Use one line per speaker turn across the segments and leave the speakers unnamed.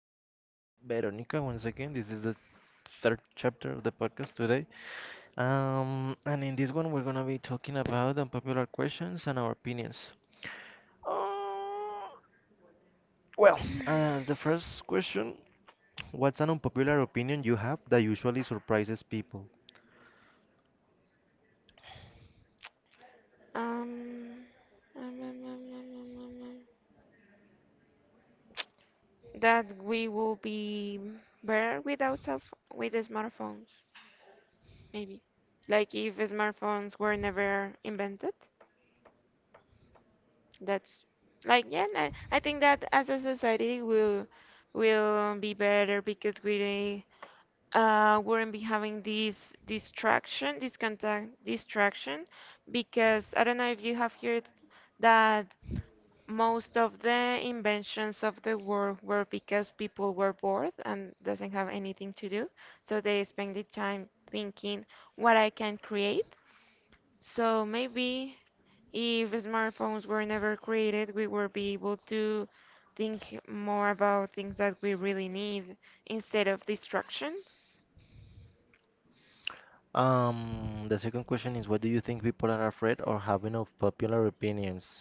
are here with Veronica once again. This is the third chapter of the podcast today. And in this one, we're gonna be talking about unpopular questions and our opinions. Uh, as the first question, what's an unpopular opinion you have that usually surprises people?
Um, um, um, um, um, um, um, um, um. That we will be better without cell ph with the smartphones, maybe. Like if smartphones were never invented, that's like yeah, I think that as a society we'll will be better because we wouldn't be having this distraction, this contact distraction, because I don't know if you have heard that most of the inventions of the world were because people were bored and doesn't have anything to do. So they spend the time thinking what I can create. So maybe if smartphones were never created, we would be able to think more about things that we really need instead of distractions.
The second question is, what do you think people are afraid or having of popular opinions?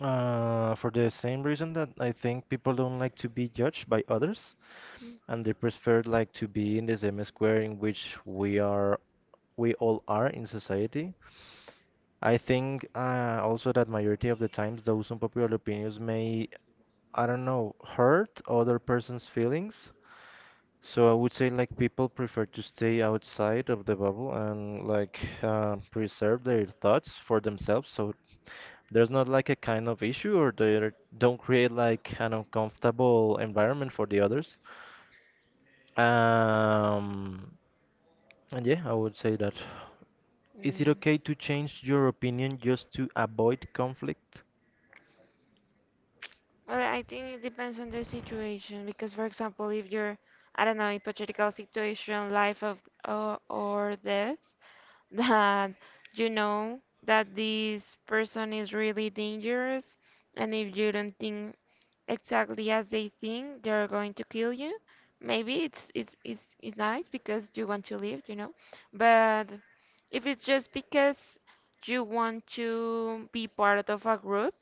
For the same reason that I think people don't like to be judged by others. And they prefer like to be in the same square in which we all are in society. I think also that majority of the times those unpopular opinions may, I don't know, hurt other person's feelings. So I would say like people prefer to stay outside of the bubble and like preserve their thoughts for themselves. So there's not like a kind of issue or they don't create like an uncomfortable environment for the others. Um, And yeah, I would say that. Is it
Mm.
okay to change your opinion just to avoid conflict?
Well, I think it depends on the situation because, for example, if you're, I don't know, hypothetical situation, life of or death, that you know that this person is really dangerous, and if you don't think exactly as they think, they're going to kill you. Maybe it's nice because you want to live, but if it's just because you want to be part of a group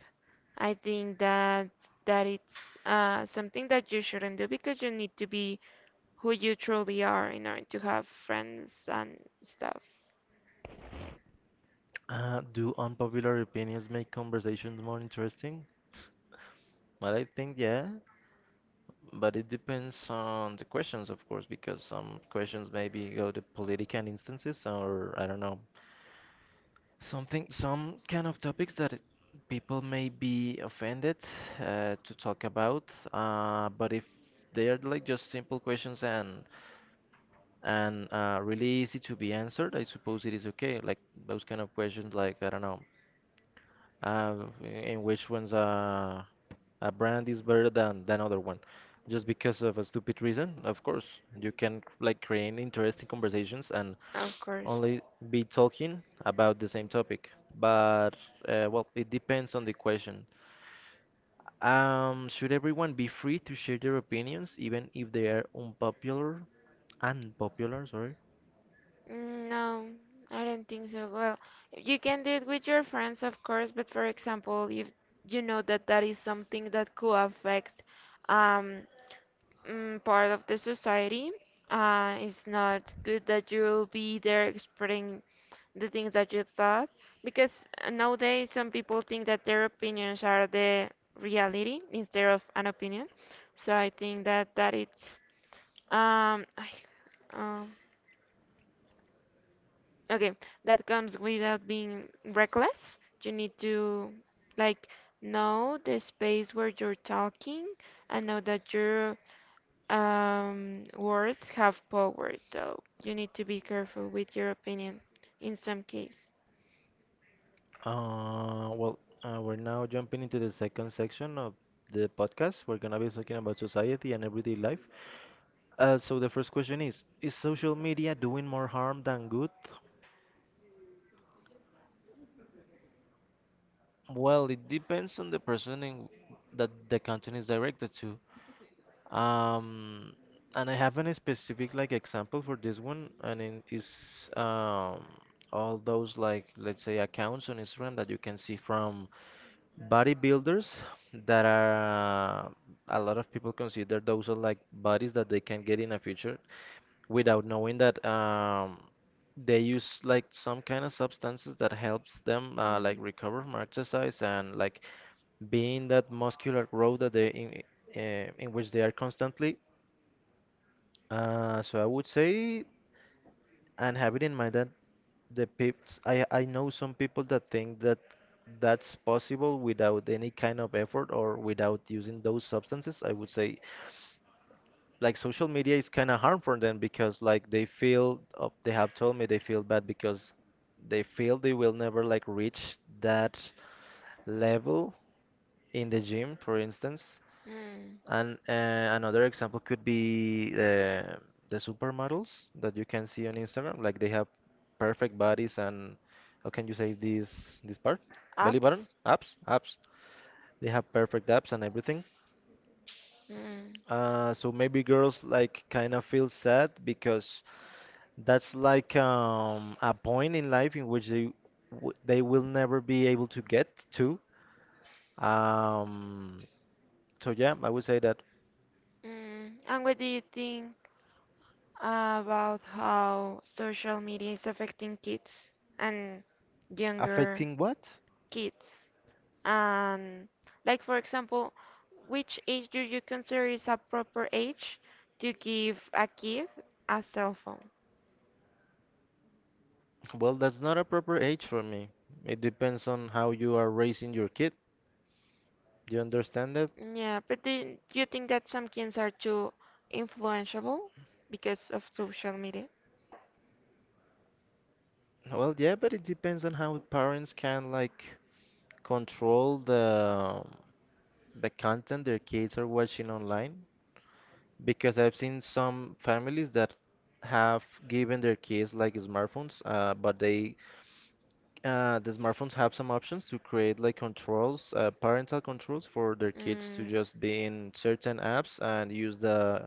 I think that it's something that you shouldn't do because you need to be who you truly are in order to have friends and stuff.
Do unpopular opinions make conversations more interesting? Well, I think yeah, but it depends on the questions, of course, because some questions maybe go to political instances or I don't know, something, some kind of topics that people may be offended to talk about. But if they are like just simple questions and really easy to be answered. I suppose it is okay. Like those kind of questions, like I don't know, uh, in which ones a brand is better than other one, just because of a stupid reason. Of course, you can like create interesting conversations and
Of course.
only be talking about the same topic. But well, it depends on the question. Should everyone be free to share their opinions, even if they are unpopular? Unpopular, sorry.
Mm, no, I don't think so. Well, you can do it with your friends, of course, but for example, if you know that that is something that could affect um, part of the society, it's not good that you'll be there spreading the things that you thought, because nowadays some people think that their opinions are the reality instead of an opinion. So I think that it's um, I, um okay, that comes without being reckless. You need to like know the space where you're talking and know that your words have power. So you need to be careful with your opinion in some case.
Well, we're now jumping into the second section of the podcast. We're gonna be talking about society and everyday life. So the first question is: is social media doing more harm than good? Well, it depends on the person that the content is directed to. Um, and I have a specific like example for this one, and it is all those like let's say accounts on Instagram that you can see from bodybuilders that are a lot of people consider those are like bodies that they can get in the future without knowing that they use like some kind of substances that helps them like
Mm.
recover from exercise and like being that muscular growth that in which they are constantly. So I would say and have it in mind that I know some people that think that that's possible without any kind of effort or without using those substances. I would say like social media is kind of harmful for them because like they have told me they feel bad because they feel they will never like reach that level in the gym, for instance.
Mm.
And another example could be the supermodels that you can see on Instagram. Like they have perfect bodies and how can you say this part? Belly button,
Ups?
abs. They have perfect abs and everything.
Mm.
So maybe girls like kind of feel sad because that's like a point in life in which they will never be able to get to. Um, so yeah, I would say that.
Mm. And what do you think about how social media is affecting kids and younger
Affecting what?
kids? And like for example, which age do you consider is a proper age to give a kid a cell phone?
Well, that's not a proper age for me. It depends on how you are raising your kid. Do you understand that?
Yeah, but do you think that some kids are too influenceable because of social media?
Well, yeah, but it depends on how parents can like control the content their kids are watching online. Because I've seen some families that have given their kids like smartphones, but the smartphones have some options to create like controls, parental controls for their kids to just be in certain apps and use the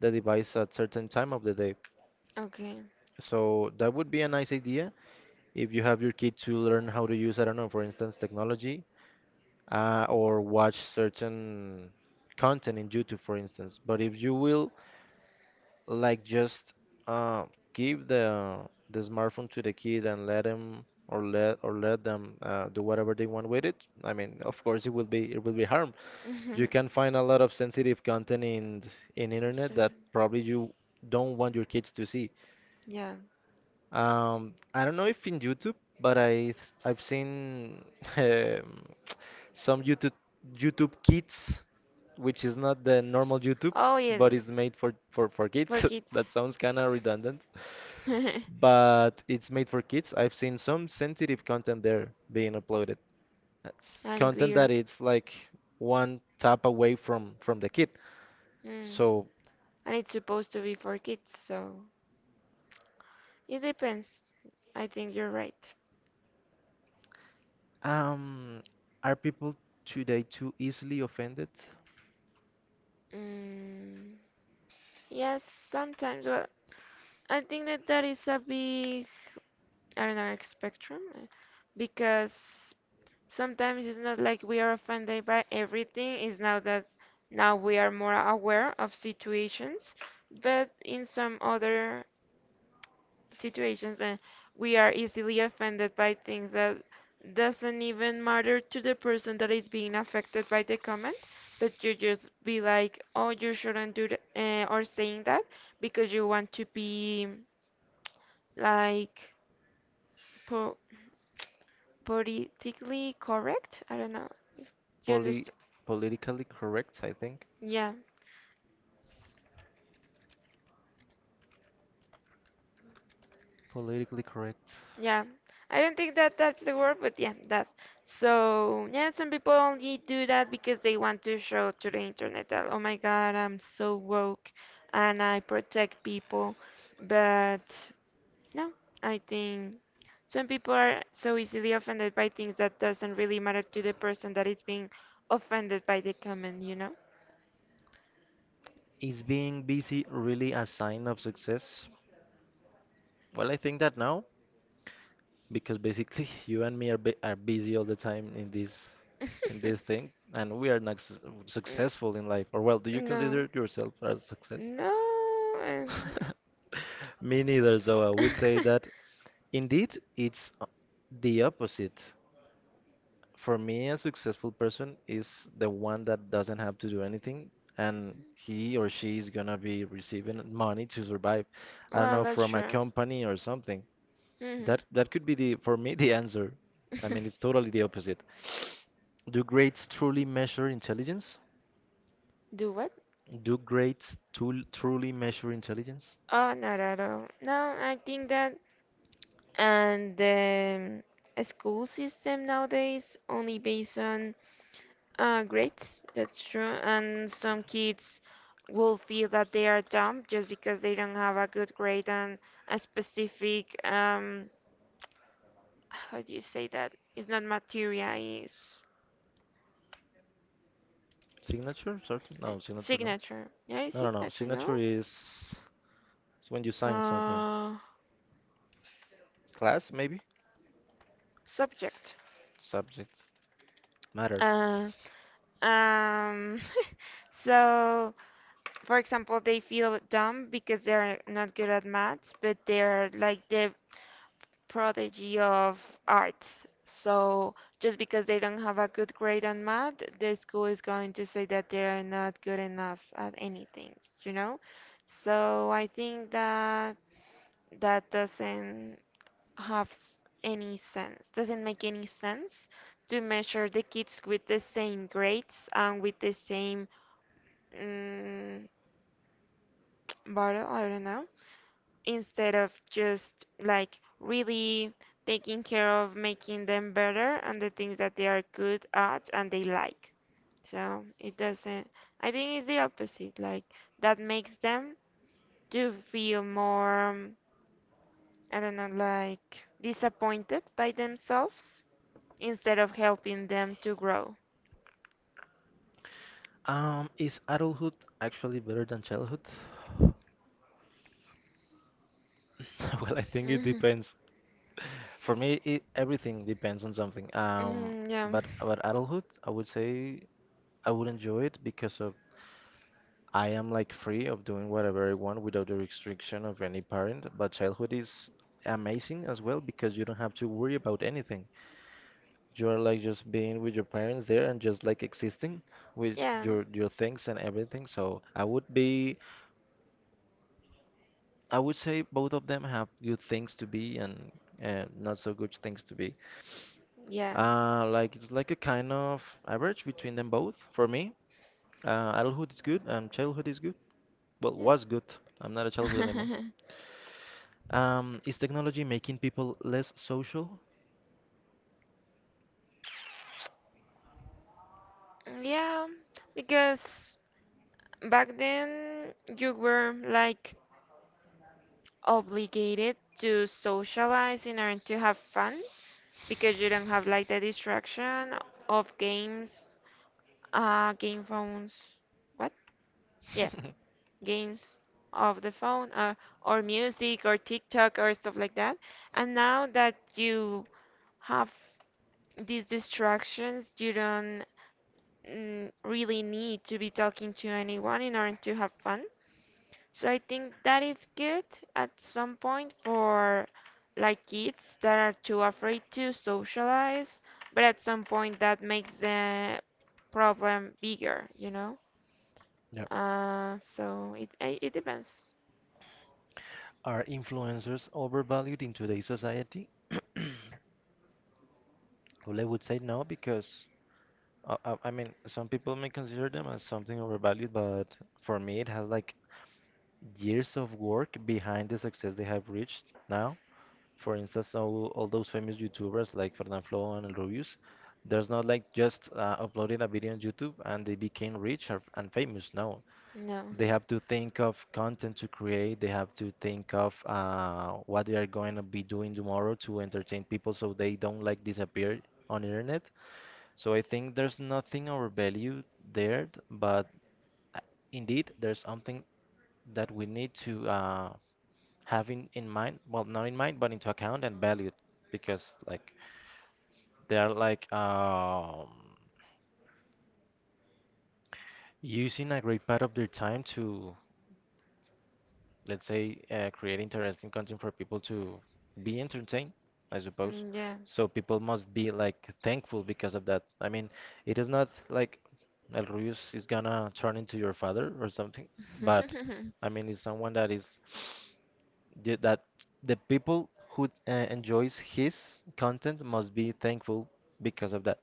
the device at certain time of the day.
Okay.
So that would be a nice idea if you have your kid to learn how to use, I don't know, for instance, technology or watch certain content in YouTube, for instance. But if you will, like, just uh, give the smartphone to the kid and let him or let them do whatever they want with it, I mean, of course, it will be harm.
You.
You can find a lot of sensitive content in internet that
Instruction.
probably you don't want your kids to see.
Yeah. We.
I don't know if in YouTube, but I've seen um, some YouTube Kids, which is not the normal YouTube, but it's made for kids.
It's.
That sounds kind of redundant,
Sounds kind.
but it's made for kids. I've seen some sensitive content there being uploaded. That's content that it's like one tap away from the kid. So,
And it's supposed to be for kids, so it depends. I think you're right.
um, are people today too easily offended?
Mm. Yes, sometimes. Well, I think that that is a big, I don't know, like, spectrum, because sometimes it's not like we are offended by everything. It's now that now we are more aware of situations, but in some other situations, and we are easily offended by things that doesn't even matter to the person that is being affected by the comment, but you just be like, oh, you shouldn't do that, or saying that because you want to be like. Po Politically correct. I don't know if you
Poly
understand.
politically correct, I think.
Yeah,
Politically correct.
yeah. I don't think that that's the word, but yeah, that. So yeah, some people only do that because they want to show to the internet that oh my God, I'm so woke and I protect people. But no, I think some people are so easily offended by things that doesn't really matter to the person that is being offended by the comment, you know?
Is being busy really a sign of success? Well, I think that now, because basically you and me are are busy all the time in this thing, and we are not
Mm.
successful in life. Or well, do you
No.
consider yourself as success?
No.
Me neither. So I would say that indeed it's the opposite. For me, a successful person is the one that doesn't have to do anything and he or she is gonna be receiving money to survive. I don't
Well,
know,
that's
from a
true.
company or something.
Hmm.
That could be the for me the answer. I mean, it's totally the opposite. Do grades truly measure intelligence?
Do what?
Do grades truly measure intelligence?
Oh, not at all. No, I think that and the school system nowadays only based on grades. That's true. And some kids will feel that they are dumb just because they don't have a good grade on a specific. How do you say that? It's not material. It's.
Signature? Sorry, no, signature no.
Signature. Yeah, it's
No, no, no.
signature, no?
Signature is it's when you sign something.
Uh,
Class maybe?
Subject.
Subject. Matter.
Uh, um, so, for example, they feel dumb because they're not good at maths, but they're like the prodigy of arts. So, just because they don't have a good grade on math, the school is going to say that they're not good enough at anything, you know? So, I think that that doesn't have any sense. Doesn't make any sense to measure the kids with the same grades and with the same mm, bottle, I don't know, instead of just like really taking care of making them better and the things that they are good at and they like. So it doesn't, I think it's the opposite, like that makes them to feel more, I don't know, like disappointed by themselves instead of helping them to grow.
Is adulthood actually better than childhood? Well, I think it
Hmm.
depends. For me, everything depends on something. Um,
Hmm, yeah,
but about adulthood, I would say I would enjoy it because of I am like free of doing whatever I want without the restriction of any parent. But childhood is amazing as well because you don't have to worry about anything. You are like just being with your parents there and just like existing with
yeah,
your things and everything. So I would be. I would say both of them have good things to be and not so good things to be.
yeah,
Like it's like a kind of average between them both for me. Adulthood is good and childhood is good. Well, was good. I'm not a childhood anymore.
yeah.
Is technology making people less social?
Yeah, because back then you were like obligated to socialize in order to have fun because you don't have like the distraction of games, game phones. What? Yeah. Games of the phone or music or TikTok or stuff like that. And now that you have these distractions, you don't really need to be talking to anyone in order to have fun. So I think that is good at some point for like kids that are too afraid to socialize, but at some point that makes the problem bigger, you know?
Yep.
So it depends.
Are influencers overvalued in today's society? Well, I would say no because I mean some people may consider them as something overvalued, but for me it has like years of work behind the success they have reached now. For instance, all those famous YouTubers like Fernand Flo and El Rubius, there's not like just uploading a video on YouTube and they became rich and famous. No,
No. Mm,
they have to think of content to create. They have to think of what they are going to be doing tomorrow to entertain people so they don't like disappear on internet. So I think there's nothing of value there, but uh, indeed there's something that we need to having in mind well not in mind but into account and valued because like they are like using a great part of their time to let's say create interesting content for people to be entertained, I suppose.
yeah.
So people must be like thankful because of that. I mean, it is not like El Ruiz is gonna turn into your father or something, but I mean it's someone that is. Yeah, that the people who enjoys his content must be thankful because of that.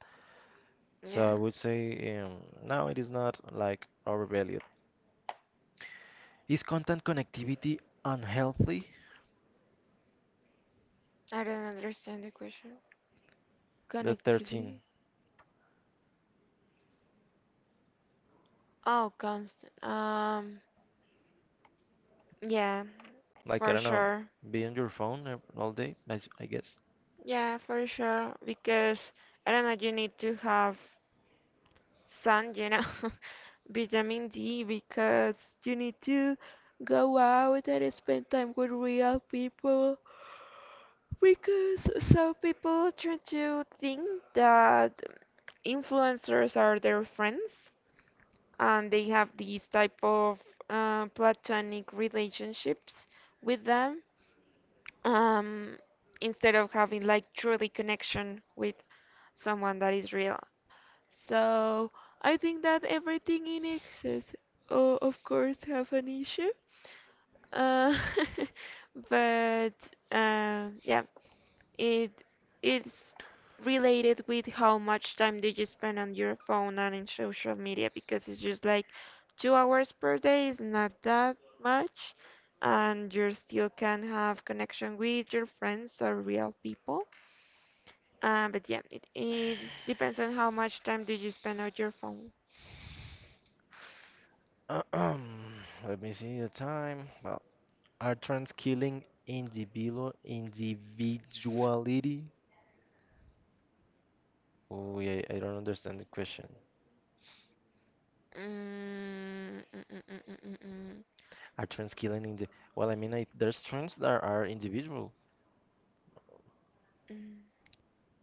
So I
Yeah.
would say now it is not like overvalued. Is content connectivity unhealthy?
I don't understand the question.
The 13,
Connectivity? Oh, constant. Yeah,
like I
for
don't know,
sure.
be on your phone all day, I guess.
Yeah, for sure. Because I don't know, you need to have sun, vitamin D, because you need to go out and spend time with real people. Because some people tend to think that influencers are their friends and they have these type of platonic relationships with them um, instead of having like truly connection with someone that is real. So I think that everything in excess, of course, have an issue. Uh, but yeah, it it's related with how much time do you spend on your phone and in social media because it's just like 2 hours per day is not that much, and you still can have connection with your friends or real people. But yeah, it depends on how much time do you spend on your phone.
Let me see the time. Well, are trends killing individuality? Oh, yeah, I don't understand the question.
Mm, mm, mm, mm, mm, mm, mm.
Are trends killing in the? Well, I mean, there's trends that are individual.
Mm.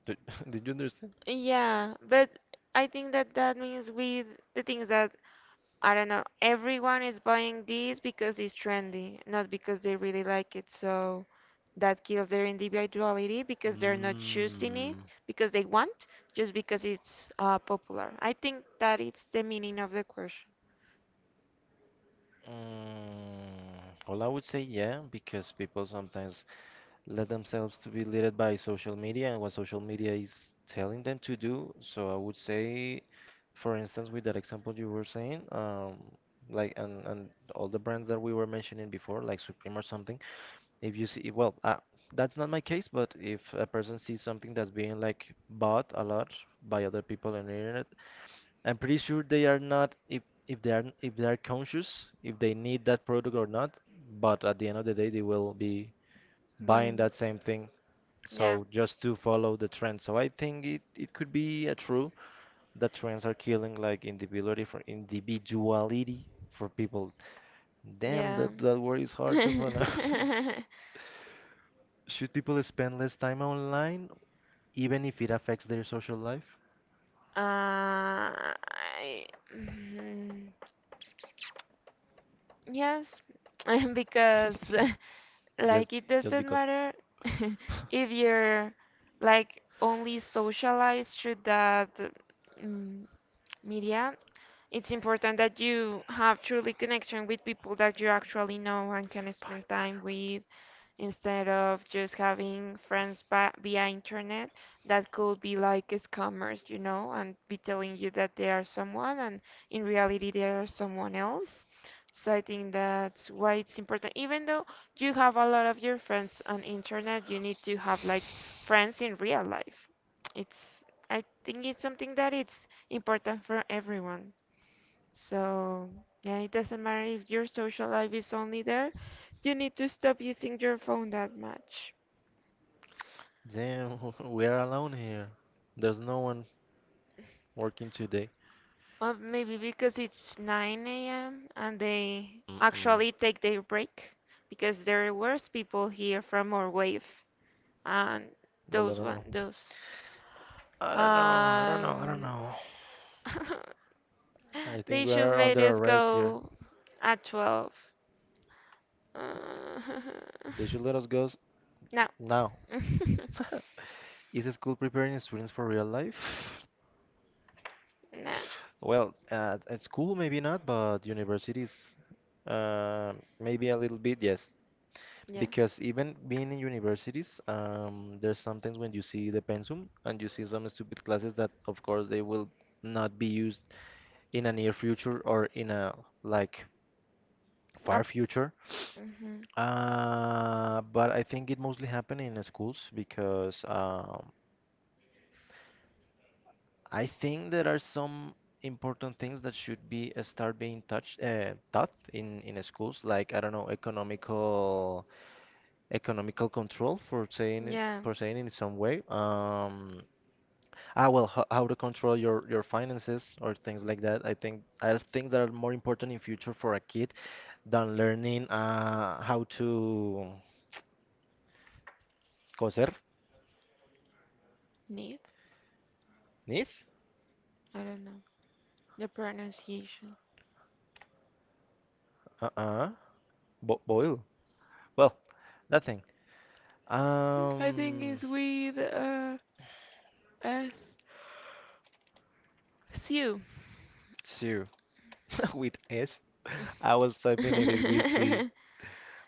Do- Did you understand?
Yeah, but I think that that means with the things that I don't know, everyone is buying these because it's trendy, not because they really like it. So that kills their individuality because they're not choosing it
Mm,
because they want, just because it's popular. I think that it's the meaning of the question.
mm, well, I would say yeah, because people sometimes let themselves to be led by social media and what social media is telling them to do. So I would say, for instance, with that example you were saying, like and all the brands that we were mentioning before, like Supreme or something. If you see, well, that's not my case, but if a person sees something that's being like bought a lot by other people on the internet, I'm pretty sure they are not if they are conscious if they need that product or not, but at the end of the day they will be buying
Buying.
that same thing.
Yeah,
So just to follow the trend. So I think it could be a true that trends are killing like individuality for people. Damn,
yeah.
that word is hard to pronounce. Should people spend less time online even if it affects their social life?
Uh, I, mm, yes, because like it doesn't matter if you're like only socialized through that mm, media. It's important that you have truly connection with people that you actually know and can spend time with instead of just having friends via internet that could be like scammers, and be telling you that they are someone and in reality they are someone else. So I think that's why it's important. Even though you have a lot of your friends on internet, you need to have like friends in real life. It's I think it's something that it's important for everyone. So, yeah, it doesn't matter if your social life is only there, you need to stop using your phone that much.
Damn, we are alone here. There's no one working today.
Or maybe because it's 9 a.m. and they actually take their break because there were people here from our wave and
Well, I
those
don't
one
know.
those
I don't know. I don't know. I don't
um
know. I think
they
we
should
are
let
under
us
arrest here.
go at 12. Uh,
They should let us go s-
no.
now. Is the school preparing students for real life?
No.
Well, at school maybe not, but universities, uh, maybe a little bit, yes.
Yeah.
Because even being in universities, there's sometimes when you see the pensum and you see some stupid classes that, of course, they will not be used in a near future or in a like far
Up.
future.
Mhm.
But I think it mostly happen in schools because I think there are some important things that should be start being touched taught in schools, like I don't know, economical control for saying it
Yeah.
in some way. Well, how to control your finances or things like that. I think are things that are more important in future for a kid than learning how to coser,
Need?
knit,
I don't know. The pronunciation.
uh-uh, bo boil. Well, that thing.
I think
Um,
it's with S. Sew.
so with S, I was typing it in with C.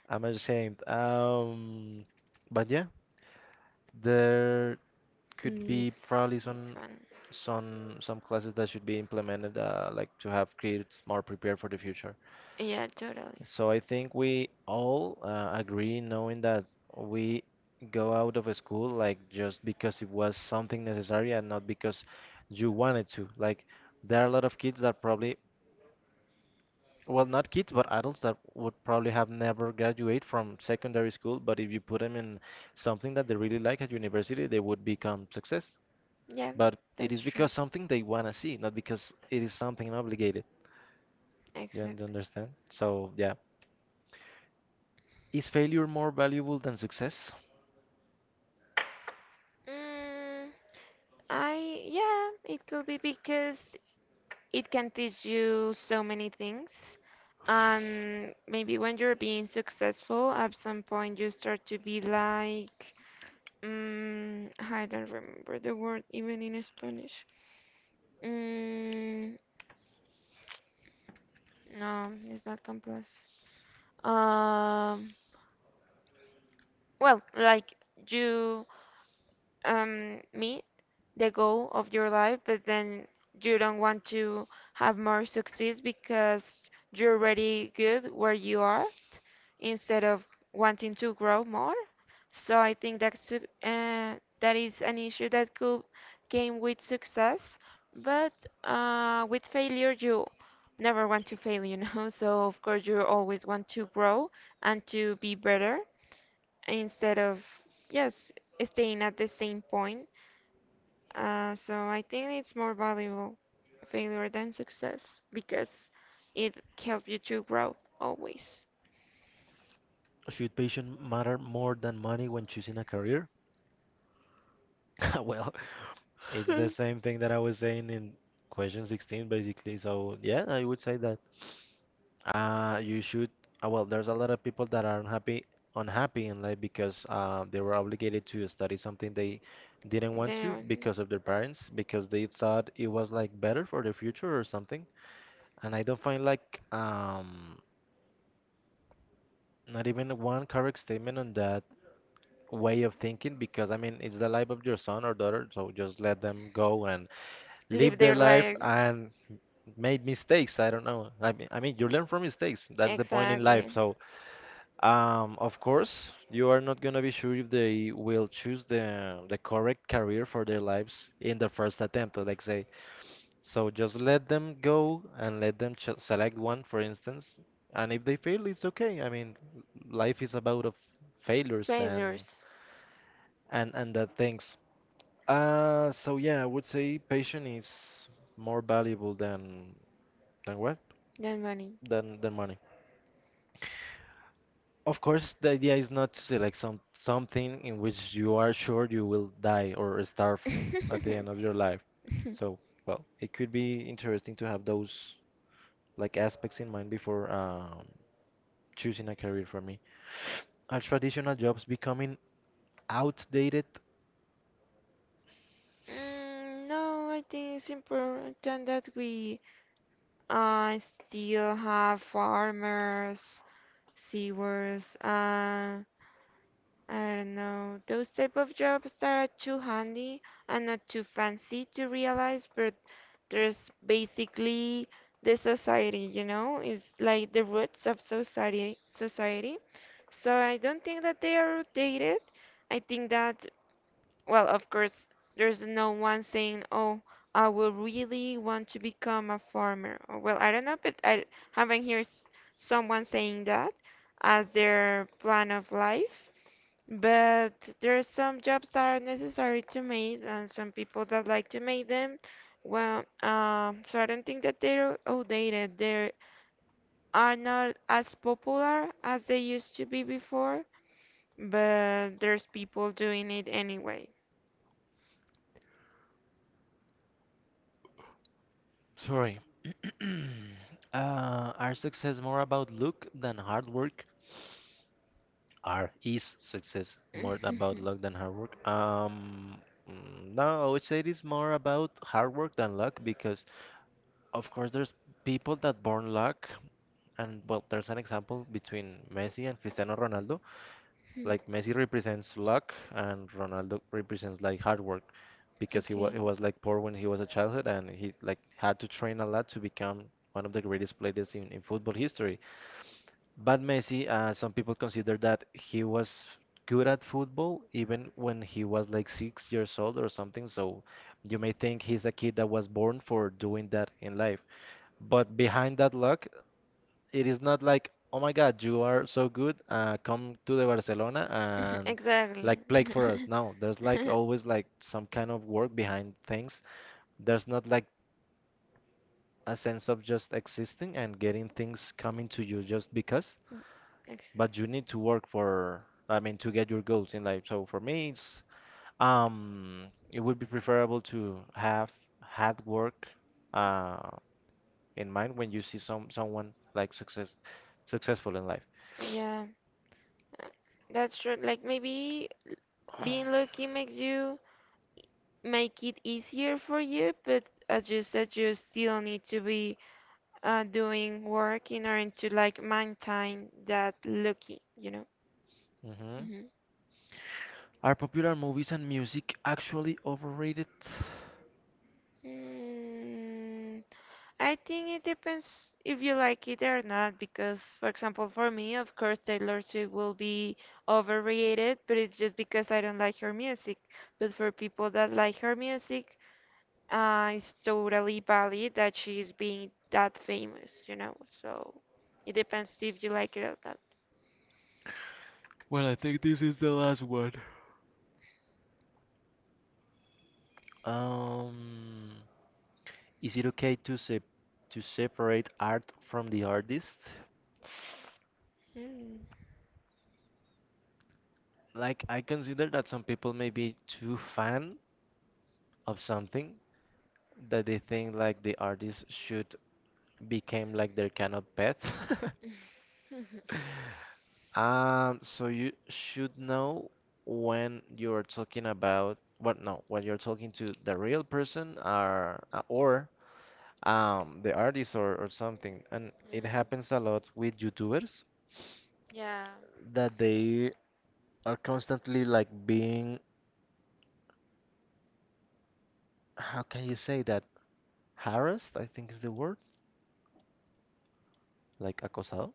I'm ashamed. But yeah, there could
Need.
be probably
It's fun.
some classes that should be implemented, like to have kids more prepared for the future.
Yeah, totally.
So I think we all agree knowing that we go out of a school, like just because it was something necessary and not because you wanted to, like, there are a lot of kids that probably, well, not kids but adults, that would probably have never graduate from secondary school, but if you put them in something that they really like at university, they would become success,
Yeah,
but it
that's
is
true.
because something they want to see, not because it is something obligated. You
Exactly.
understand? So, yeah. Is failure more valuable than success?
Mm, I yeah, it could be because it can teach you so many things. And maybe when you're being successful, at some point you start to be like, I don't remember the word even in Spanish. Mm, no, it's not complex. Um, well, like you, me, the goal of your life, but then you don't want to have more success because you're already good where you are instead of wanting to grow more. So I think that is an issue that could came with success, but with failure you never want to fail, you know. So of course you always want to grow and to be better instead of yes staying at the same point so I think it's more valuable failure than success because it helps you to grow always.
Should patience matter more than money when choosing a career? Well, it's the same thing that I was saying in question 16, basically. So, yeah, I would say that. You should. Well, there's a lot of people that are unhappy in life because they were obligated to study something they didn't want to
Then
because of their parents, because they thought it was like better for their future or something. And I don't find like not even one correct statement on that way of thinking, because I mean it's the life of your son or daughter, so just let them go and
live
live their
their
life
life
and made mistakes. I don't know. I mean, you learn from mistakes. That's the point in life.
exactly.
So of course, you are not gonna be sure if they will choose the correct career for their lives in the first attempt, like say. So just let them go and let them ch select one, for instance. And if they fail, it's okay. I mean, life is about of failures
Failures
and that things. So yeah, I would say patience is more valuable than what?
than money.
Than money. Of course, the idea is not to select something in which you are sure you will die or starve at the end of your life. So, well, it could be interesting to have those like aspects in mind before choosing a career for me. Are traditional jobs becoming outdated?
Mm, no, I think it's important that we still have farmers, sewers, I don't know, those type of jobs that are too handy and not too fancy to realize, but there's basically the society, it's like the roots of society. So I don't think that they are outdated. I think that, well, of course, there's no one saying, "Oh, I will really want to become a farmer." Or, well, I don't know, but I haven't heard someone saying that as their plan of life. But there are some jobs that are necessary to make, and some people that like to make them. Well, so I don't think that they're outdated. They are not as popular as they used to be before, but there's people doing it anyway.
Sorry. Uh, are success more about luck than hard work? Are Is success more about luck than hard work? No, I would say it is more about hard work than luck because, of course, there's people that born luck, and well, there's an example between Messi and Cristiano Ronaldo.
Hmm.
Like Messi represents luck, and Ronaldo represents like hard work because
Okay.
he was like poor when he was a childhood, and he like had to train a lot to become one of the greatest players in football history. But Messi, some people consider that he was good at football even when he was like 6 years old or something. So you may think he's a kid that was born for doing that in life. But behind that luck, it is not like, oh my God, you are so good, come to the Barcelona and
Exactly.
like play for us. No, there's like always like some kind of work behind things. There's not like a sense of just existing and getting things coming to you just because.
Ex-
But you need to work for, I mean, to get your goals in life. So for me it's it would be preferable to have had work uh in mind when you see someone like successful in life.
Yeah, uh, that's true. Like maybe being lucky makes you make it easier for you, but as you said, you still need to be doing work in order to like maintain that lucky, you know.
Hmm.
Hmm.
Are popular movies and music actually overrated?
Mm, I think it depends if you like it or not, because, for example, for me, of course, Taylor Swift will be overrated, but it's just because I don't like her music. But for people that like her music, it's totally valid that she is being that famous, you know? So it depends if you like it or not.
But Um, is it okay to se to separate art from the artist?
Mm.
Like I consider that some people may be too fan of something that they think like the artist should become like their kind of pet. So you should know when you're talking about what no, when you're talking to the real person or the artist, or something. And it
Mm.
happens a lot with YouTubers
Yeah.
that they are constantly like being, how can you say that? Harassed, I think is the word, like acosado.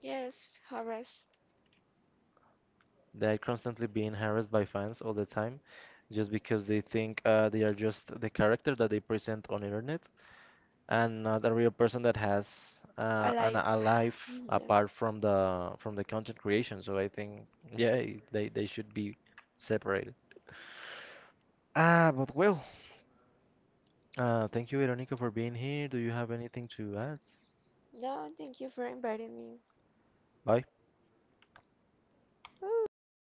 Yes, Horace.
They're constantly being harassed by fans all the time just because they think they are just the character that they present on internet and not a real person that has,
Alive.
a life
yeah.
apart from the content creation. So I think yeah, they should be separated. But well, thank you, Veronica, for being here. Do you have anything to add?
No, thank you for inviting me.
Bye.
Ooh.